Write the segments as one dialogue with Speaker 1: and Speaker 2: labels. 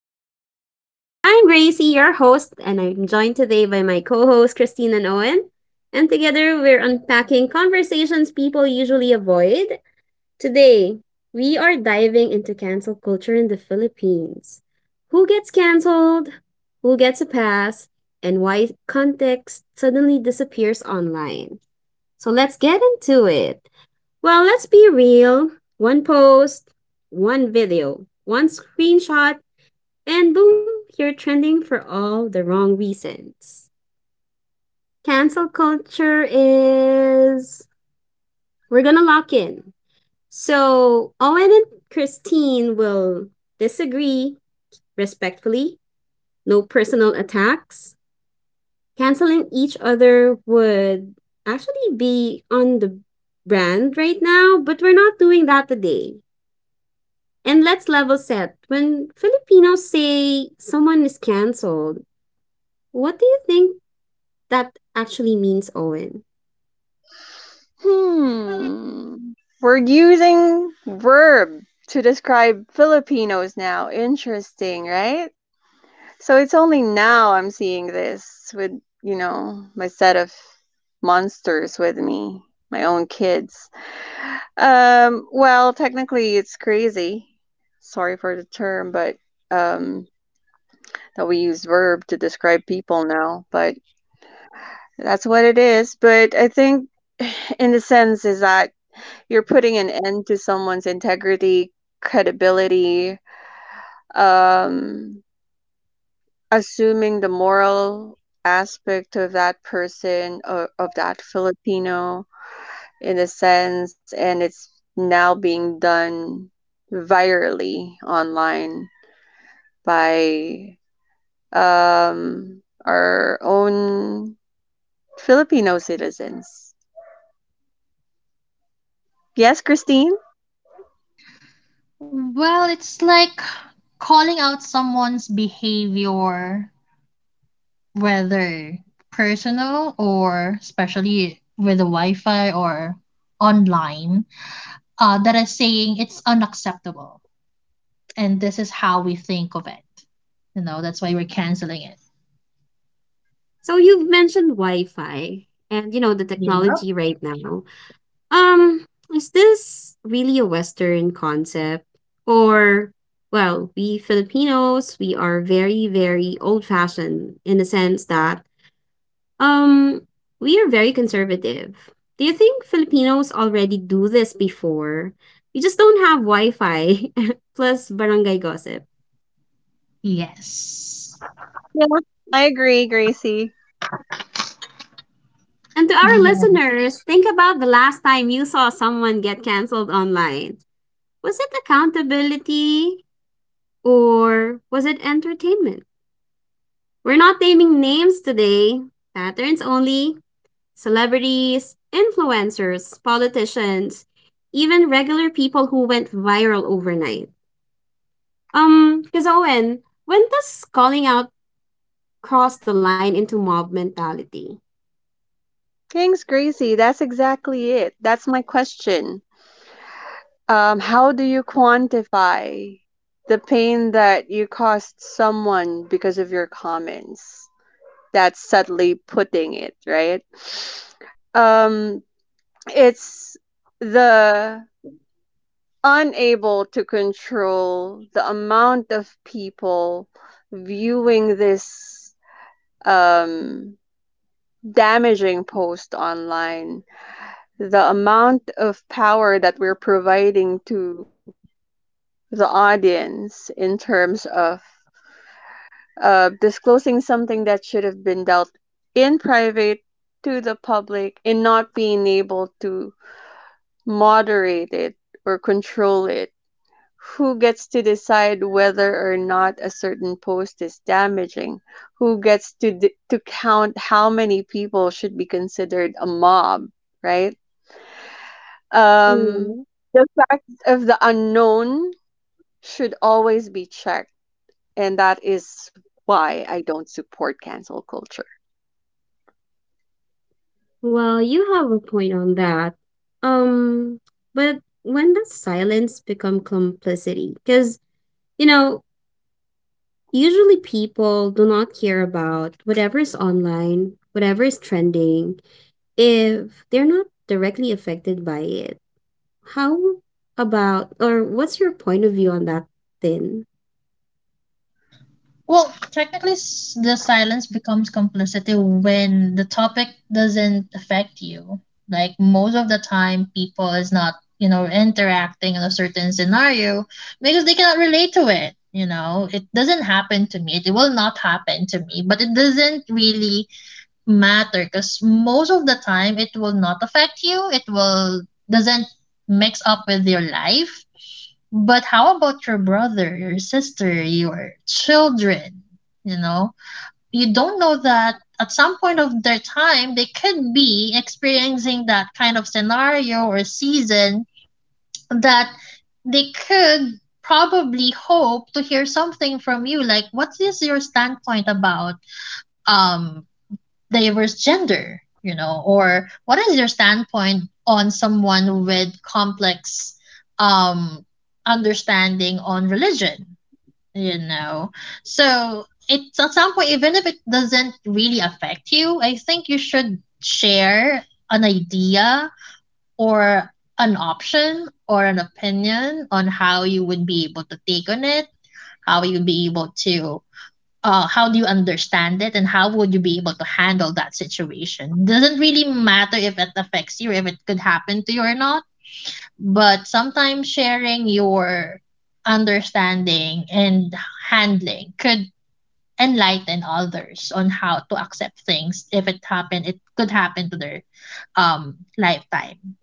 Speaker 1: Consequences. I'm Gracie, your host, and I'm joined today by my co host, Christine and Owen. And together, we're unpacking conversations people usually avoid. Today, we are diving into cancel culture in the Philippines. Who gets canceled? Who gets a pass? And why context suddenly disappears online. So let's get into it. Well, let's be real. One post, one video, one screenshot, and boom, you're trending for all the wrong reasons. Cancel culture is. We're gonna lock in. So, Owen and Christine will disagree respectfully, no personal attacks. Canceling each other would actually be on the brand right now, but we're not doing that today. And let's level set. When Filipinos say someone is canceled, what do you think that actually means, Owen?
Speaker 2: Hmm. We're using verb to describe Filipinos now. Interesting, right? So it's only now I'm seeing this with, my set of monsters with me, my own kids. Well, technically it's crazy. Sorry for the term, but um that we use verb to describe people now, but that's what it is. But I think in the sense is that you're putting an end to someone's integrity, credibility, um, assuming the moral aspect of that person or of that Filipino in a sense, and it's now being done virally online by um, our own Filipino citizens. Yes, Christine?
Speaker 3: Well, it's like calling out someone's behavior, whether personal or especially with the Wi Fi or online, that is saying it's unacceptable. And this is how we think of it. That's why we're canceling it.
Speaker 1: So you've mentioned Wi-Fi and you know the
Speaker 3: Yeah.
Speaker 1: technology right now. Um, is this really a Western concept? Or, well, we Filipinos, we are very, very old fashioned in the sense that, um, we are very conservative. Do you think Filipinos already do this before? We just don't have Wi Fi plus barangay gossip.
Speaker 3: Yes.
Speaker 2: Yeah, I agree, Gracie.
Speaker 1: And to our listeners, think about the last time you saw someone get canceled online. Was it accountability or was it entertainment? We're not naming names today, patterns only, celebrities, influencers, politicians, even regular people who went viral overnight. Because Owen, when does calling out cross the line into mob mentality?
Speaker 2: Thanks, Gracie. That's exactly it. That's my question. How do you quantify the pain that you caused someone because of your comments? That's subtly putting it, right? Um, it's the Unable to control the amount of people viewing this um, damaging post online, the amount of power that we're providing to the audience in terms of disclosing something that should have been dealt in private to the public and not being able to moderate it or control it. Who gets to decide whether or not a certain post is damaging? Who gets to count how many people should be considered a mob, right? Um,
Speaker 1: Mm.
Speaker 2: the fact of the unknown should always be checked, and that is why I don't support cancel culture.
Speaker 1: Well, you have a point on that. Um, but when does silence become complicity? Because, you know, usually people do not care about whatever is online, whatever is trending, if they're not directly affected by it. How about, or what's your point of view on that then?
Speaker 3: Well, technically, the silence becomes complicity when the topic doesn't affect you. Like most of the time, people is not interacting in a certain scenario because they cannot relate to it. It doesn't happen to me. It will not happen to me. But it doesn't really matter because most of the time, it will not affect you. It will Doesn't mix up with your life. But how about your brother, your sister, your children? You know, you don't know that at some point of their time, they could be experiencing that kind of scenario or season that they could probably hope to hear something from you, like what is your standpoint about um diverse gender, or what is your standpoint on someone with complex um understanding on religion, you know? So it's at some point, even if it doesn't really affect you, I think you should share an idea or an option or an opinion on how you would be able to take on it, how you'd be able to how do you understand it and how would you be able to handle that situation? Doesn't really matter if it affects you or if it could happen to you or not, but sometimes sharing your understanding and handling could enlighten others on how to accept things if it happened, it could happen to their lifetime.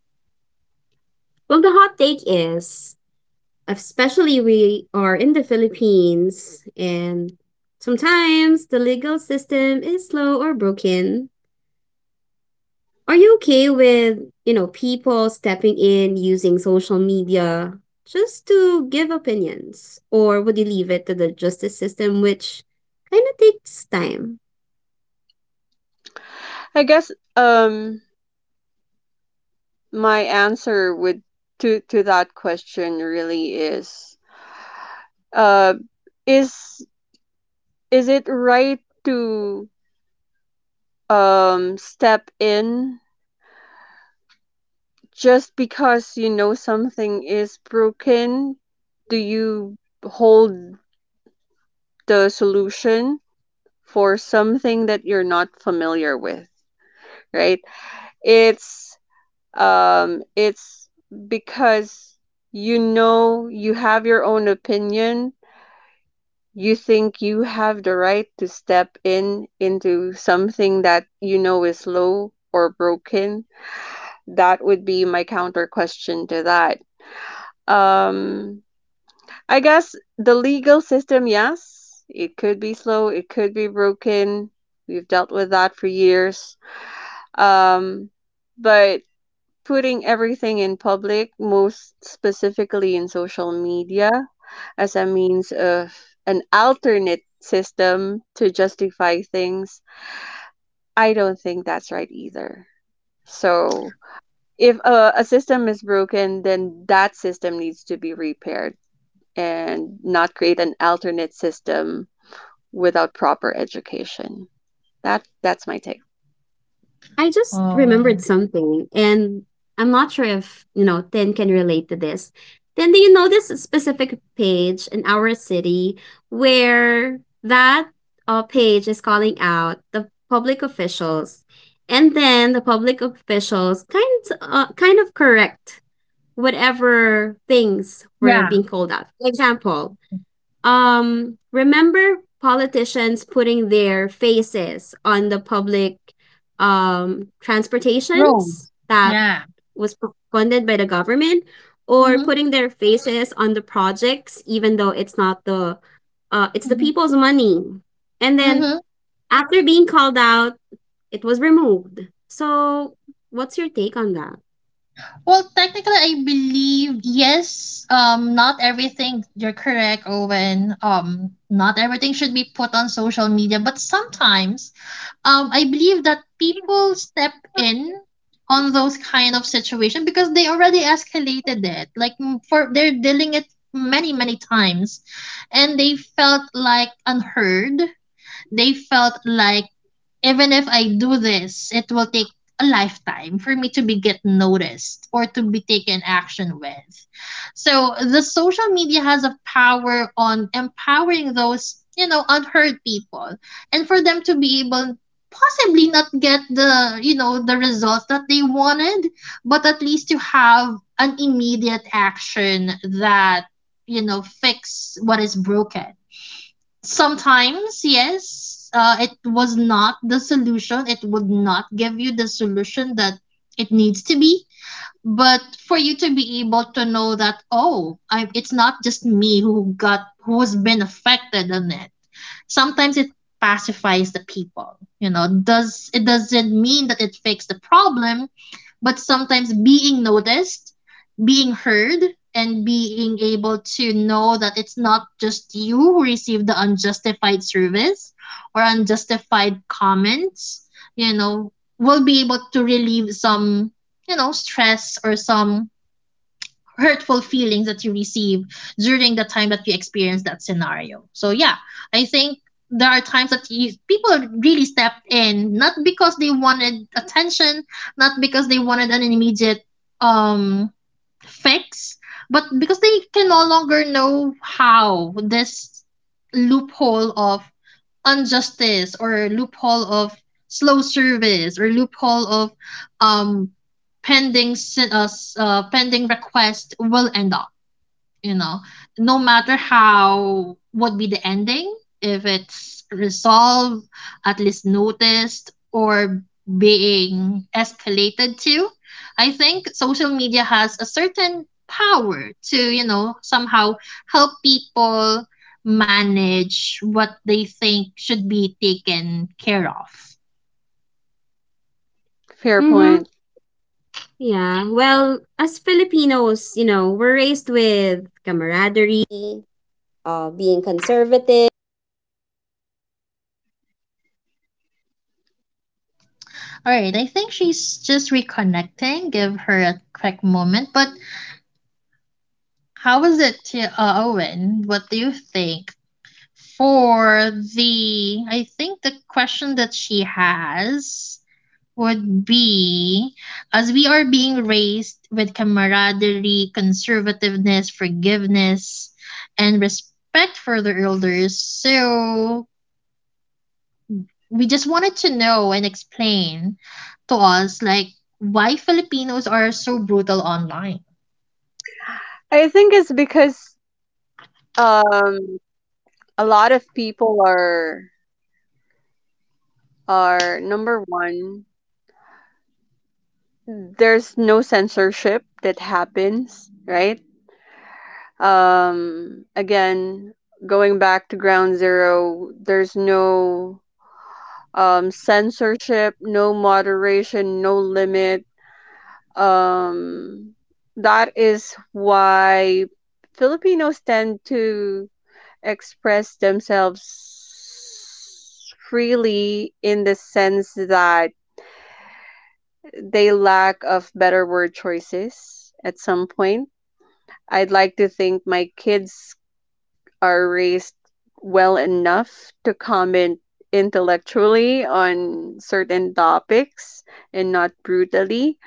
Speaker 1: Well, the hot take is especially we are in the Philippines and sometimes the legal system is slow or broken. Are you okay with, people stepping in using social media just to give opinions, or would you leave it to the justice system which kind of takes time?
Speaker 2: I guess um my answer would to that question really uh is, is it right to step in just because you know something is broken? Do you hold the solution for something that you're not familiar with, right? It's it's because you know you have your own opinion, you think you have the right to step in into something that you know is low or broken. That would be my counter question to that. Um I guess the legal system, yes, it could be slow, it could be broken. We've dealt with that for years. Um, but putting everything in public, most specifically in social media, as a means of an alternate system to justify things, I don't think that's right either. So, if a system is broken, then that system needs to be repaired and not create an alternate system without proper education. That's my take.
Speaker 1: I just remembered
Speaker 3: Oh.
Speaker 1: something, and I'm not sure if, Tin can relate to this. Then do you know this specific page in our city where that page is calling out the public officials, and then the public officials kind of correct whatever things were
Speaker 3: Yeah.
Speaker 1: being called out. For example, remember politicians putting their faces on the public
Speaker 3: Road.
Speaker 1: transportations that
Speaker 3: Yeah.
Speaker 1: was funded by the government, or
Speaker 3: Mm-hmm.
Speaker 1: putting their faces on the projects, even though it's not the it's the
Speaker 3: Mm-hmm.
Speaker 1: people's money. And then
Speaker 3: Mm-hmm.
Speaker 1: after being called out, it was removed. So, what's your take on that?
Speaker 3: Well, technically, I believe yes. Not everything. You're correct, Owen. Not everything should be put on social media, but sometimes, I believe that people step in on those kind of situation because they already escalated it. Like for they're dealing it many many times, and they felt like unheard, they felt like even if I do this, it will take a lifetime for me to be get noticed or to be taken action with. So the social media has a power on empowering those, unheard people and for them to be able possibly not get the results that they wanted, but at least to have an immediate action that, fix what is broken. Sometimes, yes, it was not the solution. It would not give you the solution that it needs to be, but for you to be able to know that, oh, it's not just me who's been affected on it. Sometimes it pacifies the people, you know does it doesn't mean that it fixed the problem, but sometimes being noticed, being heard, and being able to know that it's not just you who received the unjustified service or unjustified comments, you know will be able to relieve some stress or some hurtful feelings that you receive during the time that you experience that scenario. So yeah, I think there are times that people really stepped in, not because they wanted attention, not because they wanted an immediate um fix, but because they can no longer know how this loophole of injustice or loophole of slow service or loophole of um pending request will end up. you know no matter how would be the ending, if it's resolved, at least noticed or being escalated to. I think social media has a certain power to somehow help people manage what they think should be taken care of.
Speaker 2: Fair
Speaker 1: Mm-hmm.
Speaker 2: point.
Speaker 1: Yeah. Well, as Filipinos, you know, we're raised with camaraderie.
Speaker 3: All right, I think she's just reconnecting. Give her a quick moment. But how is it to Owen, what do you think? For the I think the question that she has would be, as we are being raised with camaraderie, conservativeness, forgiveness, and respect for the elders, so we just wanted to know and explain to us, like, why Filipinos are so brutal online.
Speaker 2: I think it's because um a lot of people are number one, there's no censorship that happens, right? Again, going back to ground zero, there's no censorship, no moderation, no limit, um that is why Filipinos tend to express themselves freely in the sense that they lack of better word choices at some point. I'd like to think my kids are raised well enough to comment intellectually on certain topics and not brutally.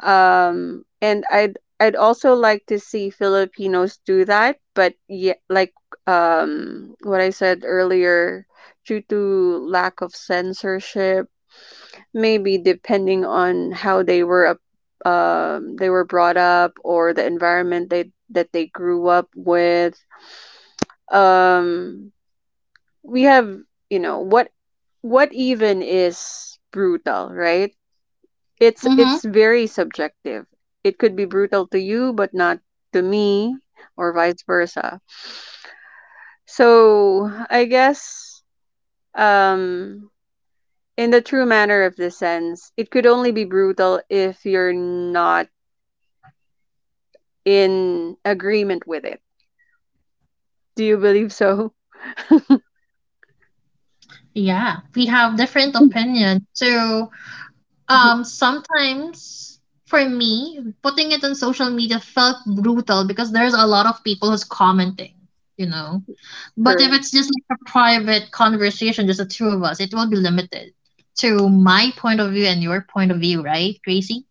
Speaker 2: And I'd also like to see Filipinos do that, but yeah, like what I said earlier, due to lack of censorship. Maybe depending on how they were brought up, or the environment they that they grew up with. Um, we have, you know, what even is brutal, right? It's
Speaker 3: Mm-hmm.
Speaker 2: it's very subjective. It could be brutal to you but not to me, or vice versa. So, I guess um in the true manner of the sense, it could only be brutal if you're not in agreement with it. Do you believe so?
Speaker 3: Yeah, we have different opinions. So, sometimes for me, putting it on social media felt brutal because there's a lot of people who's commenting, you know. But if
Speaker 2: Correct.
Speaker 3: it's just like a private conversation, just the two of us, it will be limited to my point of view and your point of view, right, Gracie?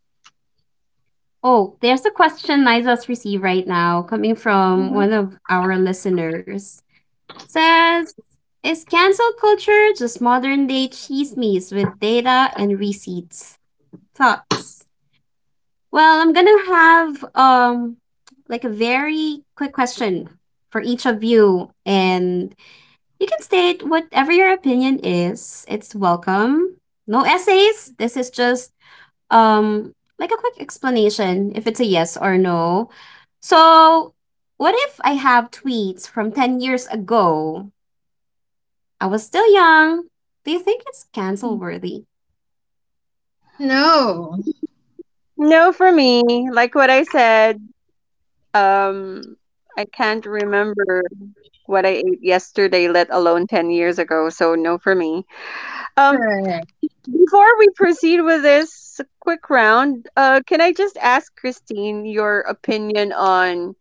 Speaker 1: Oh, there's a question Liza's received right now coming from
Speaker 3: Hmm.
Speaker 1: one of our listeners. Says, is cancel culture just modern day chismes with data and receipts? Thoughts? Well, I'm gonna have like a very quick question for each of you, and you can state whatever your opinion is. It's welcome. No essays. This is just um like a quick explanation if it's a yes or no. So, what if I have tweets from 10 years ago? I was still young. Do you think it's cancel worthy?
Speaker 3: No,
Speaker 2: No, for me, like what I said, um, I can't remember what I ate yesterday, let alone 10 years ago. So, no, for me. Um,
Speaker 3: correct.
Speaker 2: before we proceed with this quick round, can I just ask Christine your opinion on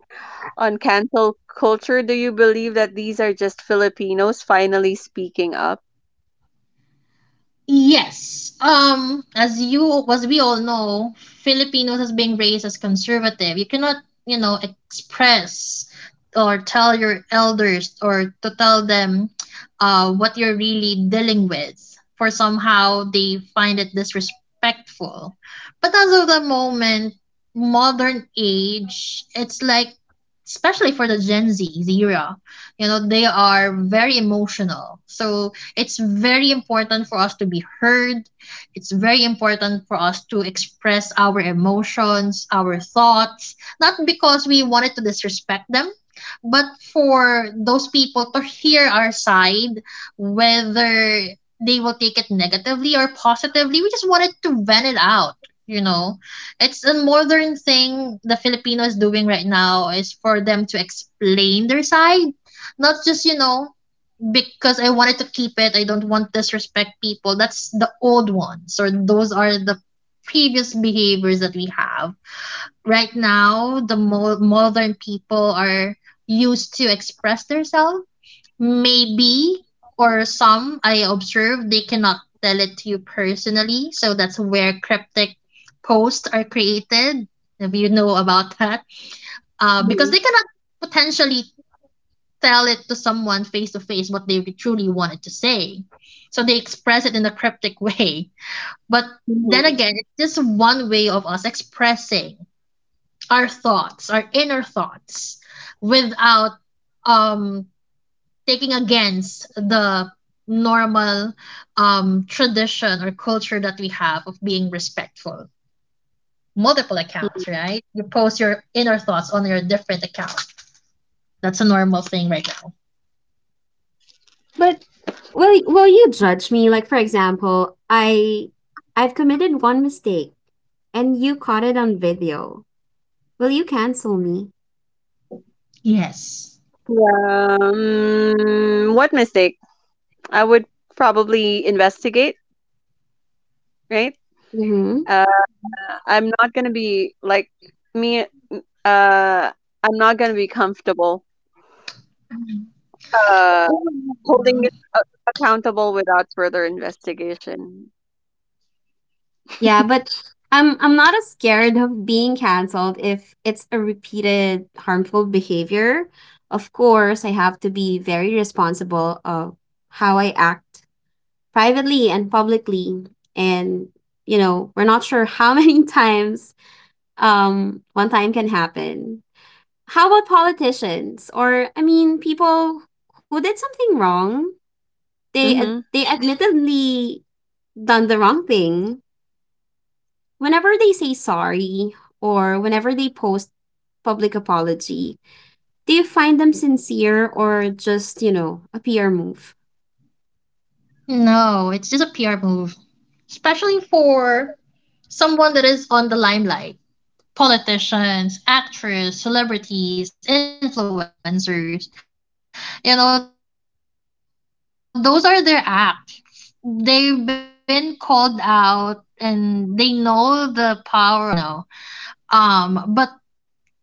Speaker 2: cancel culture? Do you believe that these are just Filipinos finally speaking up?
Speaker 3: Yes. As we all know, Filipinos as being raised as conservative, you cannot, express or tell your elders or to tell them what you're really dealing with. For somehow they find it disrespectful. But as of the moment, modern age, it's like, especially for the Gen Z era, they are very emotional. So it's very important for us to be heard. It's very important for us to express our emotions, our thoughts, not because we wanted to disrespect them, but for those people to hear our side, whether they will take it negatively or positively. We just wanted to vent it out. You know, it's a modern thing the Filipino is doing right now, is for them to explain their side, not just because I wanted to keep it. I don't want to disrespect people. That's the old ones, or those are the previous behaviors that we have. Right now, the modern people are used to express themselves. Maybe, or some I observe, they cannot tell it to you personally. So that's where cryptic posts are created. If you know about that, because they cannot potentially tell it to someone face to face what they truly wanted to say. So they express it in a cryptic way. But then
Speaker 2: Mhm.
Speaker 3: again, it's just one way of us expressing our thoughts, our inner thoughts, without um, taking against the normal tradition or culture that we have of being respectful. Multiple accounts, right? You post your inner thoughts on your different account. That's a normal thing right now.
Speaker 1: But will you judge me? Like for example, I've committed one mistake and you caught it on video. Will you cancel me?
Speaker 3: Yes.
Speaker 2: Yeah, mm, what mistake? I would probably investigate, right?
Speaker 1: Mhm.
Speaker 2: Uh, I'm not gonna be like me. Uh, I'm not gonna be comfortable uh, holding
Speaker 3: Mm,
Speaker 2: it accountable without further investigation.
Speaker 1: Yeah, but I'm not as scared of being canceled if it's a repeated harmful behavior. Of course, I have to be very responsible of how I act privately and publicly. And you know, we're not sure how many times one time can happen. How about politicians, or I mean people who did something wrong? They
Speaker 2: Mm-hmm.
Speaker 1: they admittedly done the wrong thing. Whenever they say sorry or whenever they post public apology, do you find them sincere or just, you know, a PR move?
Speaker 3: no, it's just a PR move, especially for someone that is on the limelight. Politicians, actors, celebrities, influencers. Those are their act. They've been called out and they know the power of cancel culture. That's why they post apologies. But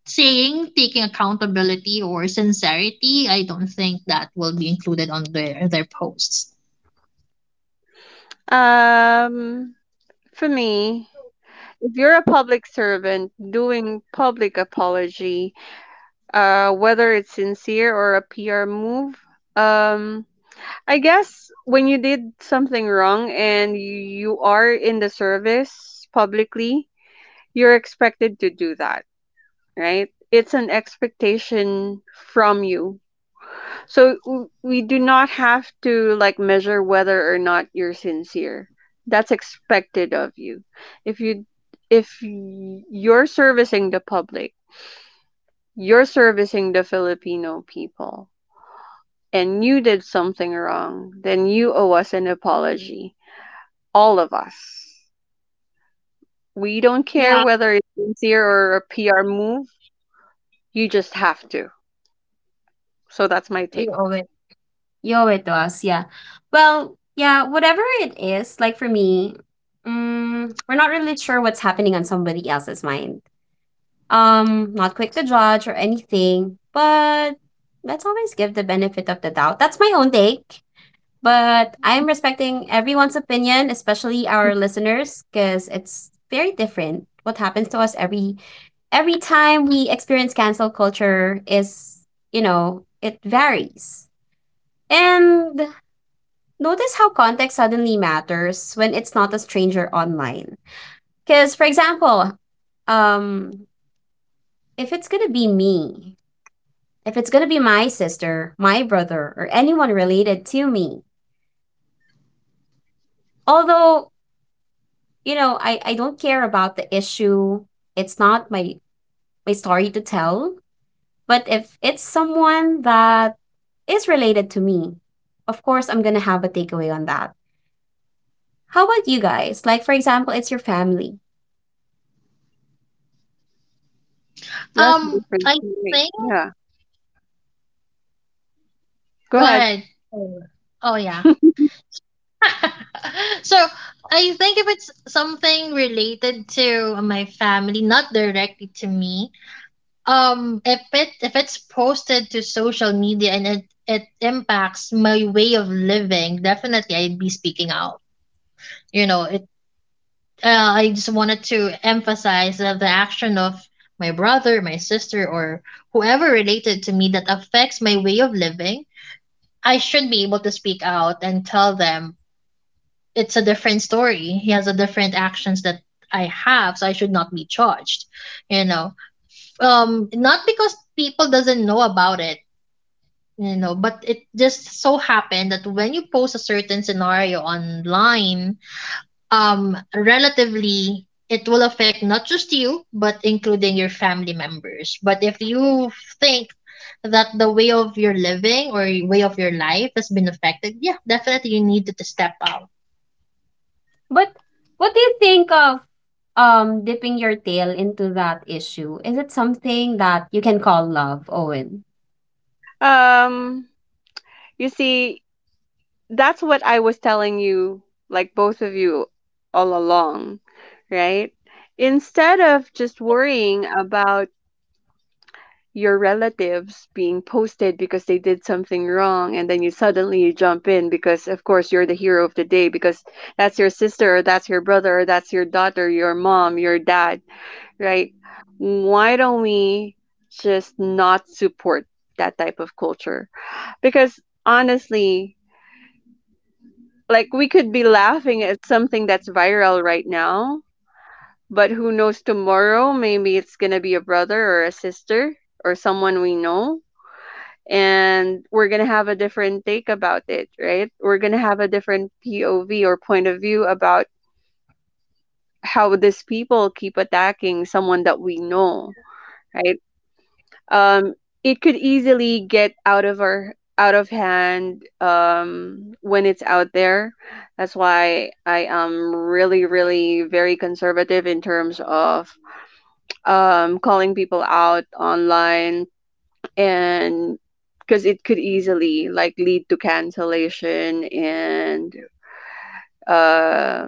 Speaker 3: saying taking accountability or sincerity, I don't think that will be included on their posts.
Speaker 2: Um, for me, if you're a public servant doing public apology, whether it's sincere or a PR move, um, I guess when you did something wrong and you are in the service publicly, you're expected to do that, right? It's an expectation from you. So we do not have to like measure whether or not you're sincere. That's expected of you. If you're servicing the public, you're servicing the Filipino people and you did something wrong, then you owe us an apology, all of us. We don't care
Speaker 1: Yeah,
Speaker 2: whether it's sincere or a PR move. You just have to. So that's my take.
Speaker 1: you owe it. You owe it to us. Yeah. Well, yeah, whatever it is, like for me, mm, we're not really sure what's happening on somebody else's mind. Not quick to judge or anything, but let's always give the benefit of the doubt. That's my own take. But I'm respecting everyone's opinion, especially our listeners, because it's very different. What happens to us every time we experience cancel culture is, you know, it varies. And notice how context suddenly matters when it's not a stranger online. Because, for example, um, if it's gonna be me, if it's gonna be my sister, my brother, or anyone related to me, although you know, I don't care about the issue. It's not my story to tell, but if it's someone that is related to me, of course I'm going to have a takeaway on that. How about you guys? Like for example, it's your family.
Speaker 2: That's the difference.
Speaker 3: I
Speaker 2: For
Speaker 3: think,
Speaker 2: yeah, go
Speaker 3: go
Speaker 2: ahead.
Speaker 3: ahead. Oh, oh, yeah. So I think if it's something related to my family, not directly to me, if it if it's posted to social media and it impacts my way of living, definitely I'd be speaking out. You know, it. I just wanted to emphasize that the action of my brother, my sister, or whoever related to me that affects my way of living, I should be able to speak out and tell them, it's a different story. He has a different actions that I have, so I should not be charged. You know, not because people doesn't know about it. But it just so happened that when you post a certain scenario online, relatively it will affect not just you but including your family members. But if you think that the way of your living or way of your life has been affected, yeah, definitely you need to step out.
Speaker 1: But what do you think of dipping your tail into that issue? Is it something that you can call love, Owen?
Speaker 2: Um, you see, that's what I was telling you, like both of you, all along, right? Instead of just worrying about your relatives being posted because they did something wrong, and then you suddenly you jump in because of course you're the hero of the day, because that's your sister, or that's your brother, or that's your daughter, your mom, your dad, right? Why don't we just not support that type of culture? Because honestly, like, we could be laughing at something that's viral right now, but who knows, tomorrow maybe it's going to be a brother or a sister or someone we know, and we're going to have a different take about it, right? We're going to have a different POV, or point of view, about how these people keep attacking someone that we know, right? Um, it could easily get out of our out of hand when it's out there. That's why I am really, really very conservative in terms of calling people out online, and because it could easily like lead to cancellation, and uh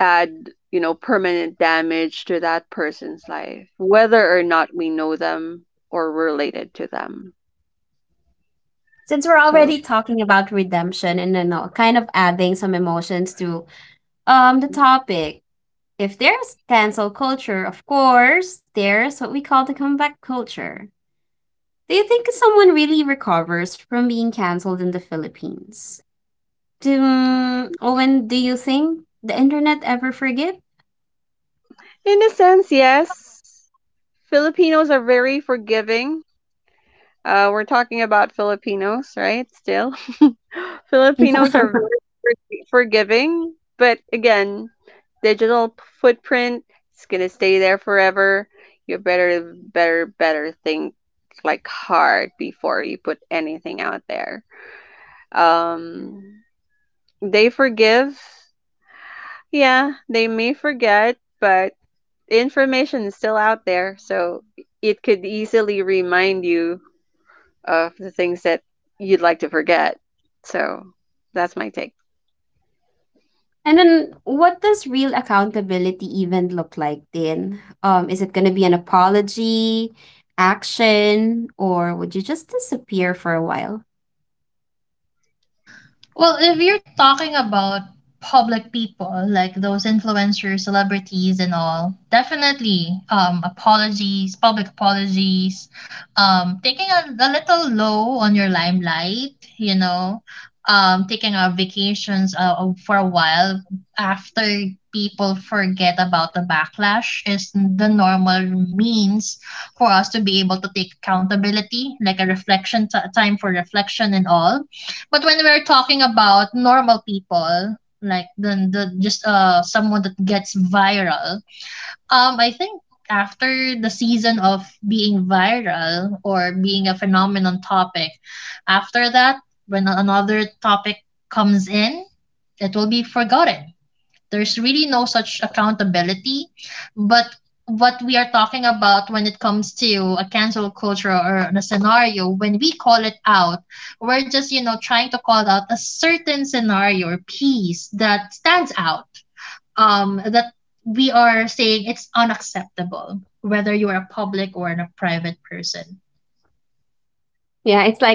Speaker 2: add, you know, permanent damage to that person's life, whether or not we know them or related to them.
Speaker 1: Since we're
Speaker 2: So
Speaker 1: already talking about redemption and then kind of adding some emotions to the topic, if there's cancel culture, of course, there's what we call the comeback culture. Do you think someone really recovers from being canceled in the Philippines? Owen, do you think the internet ever forgive?
Speaker 2: in a sense, yes, Filipinos are very forgiving. We're talking about Filipinos, right? Still, Filipinos are very forg- forgiving, but again, footprint is gonna stay there forever. You better, better, better think like hard before you put anything out there. Um, they forgive. Yeah, they may forget, but the information is still out there, so it could easily remind you of the things that you'd like to forget. So that's my take.
Speaker 1: And then what does real accountability even look like then? Is it gonna be an apology, action, or would you just disappear for a while?
Speaker 3: Well, if you're talking about public people, like those influencers, celebrities, and all, definitely apologies, public apologies, taking a little low on your limelight, taking our vacations for a while after people forget about the backlash is the normal means for us to be able to take accountability, like a reflection time for reflection and all. But when we're talking about normal people, like the just someone that gets viral, I think after the season of being viral or being a phenomenon topic, after that, when another topic comes in, it will be forgotten. There's really no such accountability. But what we are talking about when it comes to a cancel culture or a scenario, when we call it out, we're just, trying to call out a certain scenario or piece that stands out. That we are saying it's unacceptable, whether you are a public or a private person.
Speaker 1: Yeah, it's like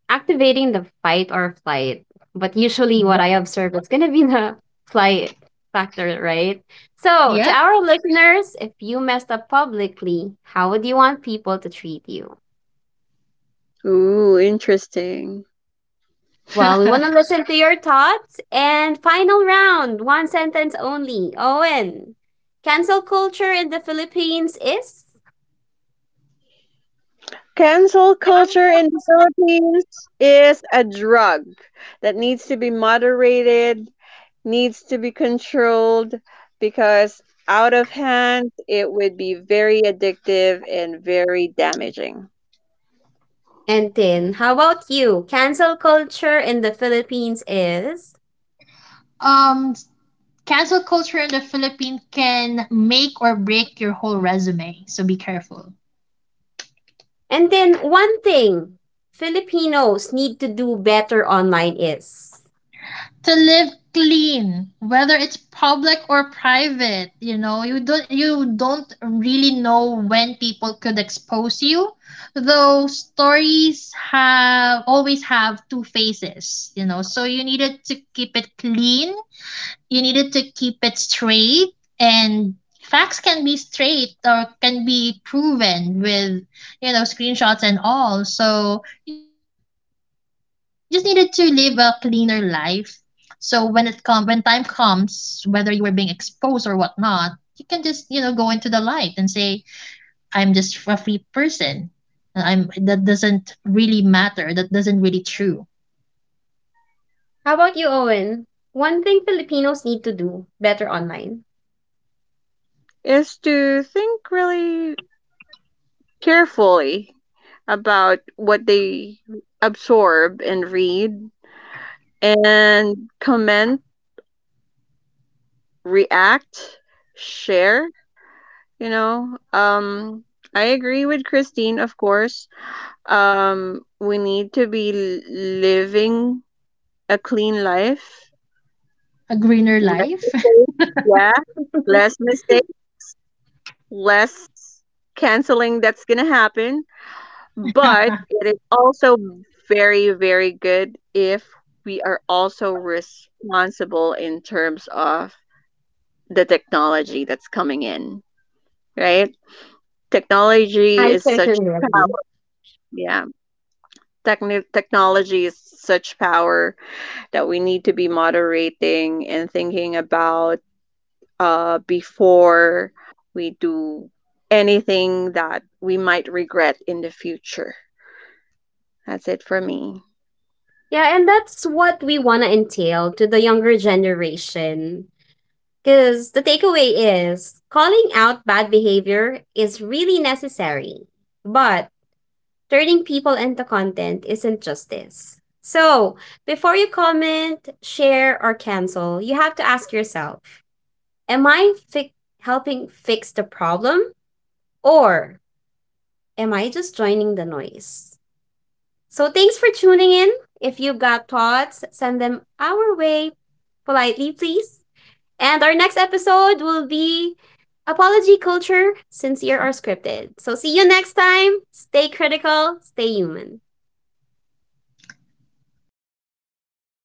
Speaker 1: activating the fight or flight. But usually, what I
Speaker 3: Yep.
Speaker 1: observe is going to be the flight factor, right? So, to
Speaker 3: Yep.
Speaker 1: our listeners, if you messed up publicly, how would you want people to treat you?
Speaker 2: Ooh, interesting.
Speaker 1: Well, we want to listen to your thoughts. And final round, one sentence only. Owen, cancel culture in the Philippines is?
Speaker 2: Cancel culture in the Philippines is a drug that needs to be moderated, needs to be controlled, because out of hand, it would be very addictive and very damaging.
Speaker 1: And then, how about you? Cancel culture in the Philippines is?
Speaker 3: um, Cancel culture in the Philippines can make or break your whole resume, so be careful.
Speaker 1: And then one thing Filipinos need to do better online is.
Speaker 3: To live clean, whether it's public or private, you don't really know when people could expose you, though stories have always have two faces, so you needed to keep it clean, you needed to keep it straight, and facts can be straight or can be proven with, screenshots and all, so you just needed to live a cleaner life. So when time comes, whether you were being exposed or whatnot, you can just, go into the light and say, I'm just a free person. And I'm that doesn't really matter, that doesn't really true.
Speaker 1: How about you, Owen? One thing Filipinos need to do better online.
Speaker 2: Is to think really carefully about what they absorb and read, and comment, react, share. You know, I agree with Christine, of course. We need to be living a clean life.
Speaker 3: A greener
Speaker 2: Less
Speaker 3: life.
Speaker 2: mistakes. Yeah, less mistakes, less canceling that's gonna happen. But it is also very, very good if we are also responsible in terms of the technology that's coming in, right?
Speaker 1: I
Speaker 2: Technology is such
Speaker 1: certainly agree.
Speaker 2: power. Yeah. techni technology is such power that we need to be moderating and thinking about, before we do anything that we might regret in the future. That's it for me.
Speaker 1: Yeah, and that's what we want to entail to the younger generation. Because the takeaway is calling out bad behavior is really necessary, but turning people into content isn't justice. So, before you comment, share, or cancel, you have to ask yourself, am helping fix the problem, or am I just joining the noise? So, thanks for tuning in. If you've got thoughts, send them our way politely, please. And our next episode will be Apology Culture, Sincere or Scripted. So, see you next time. Stay critical, stay human.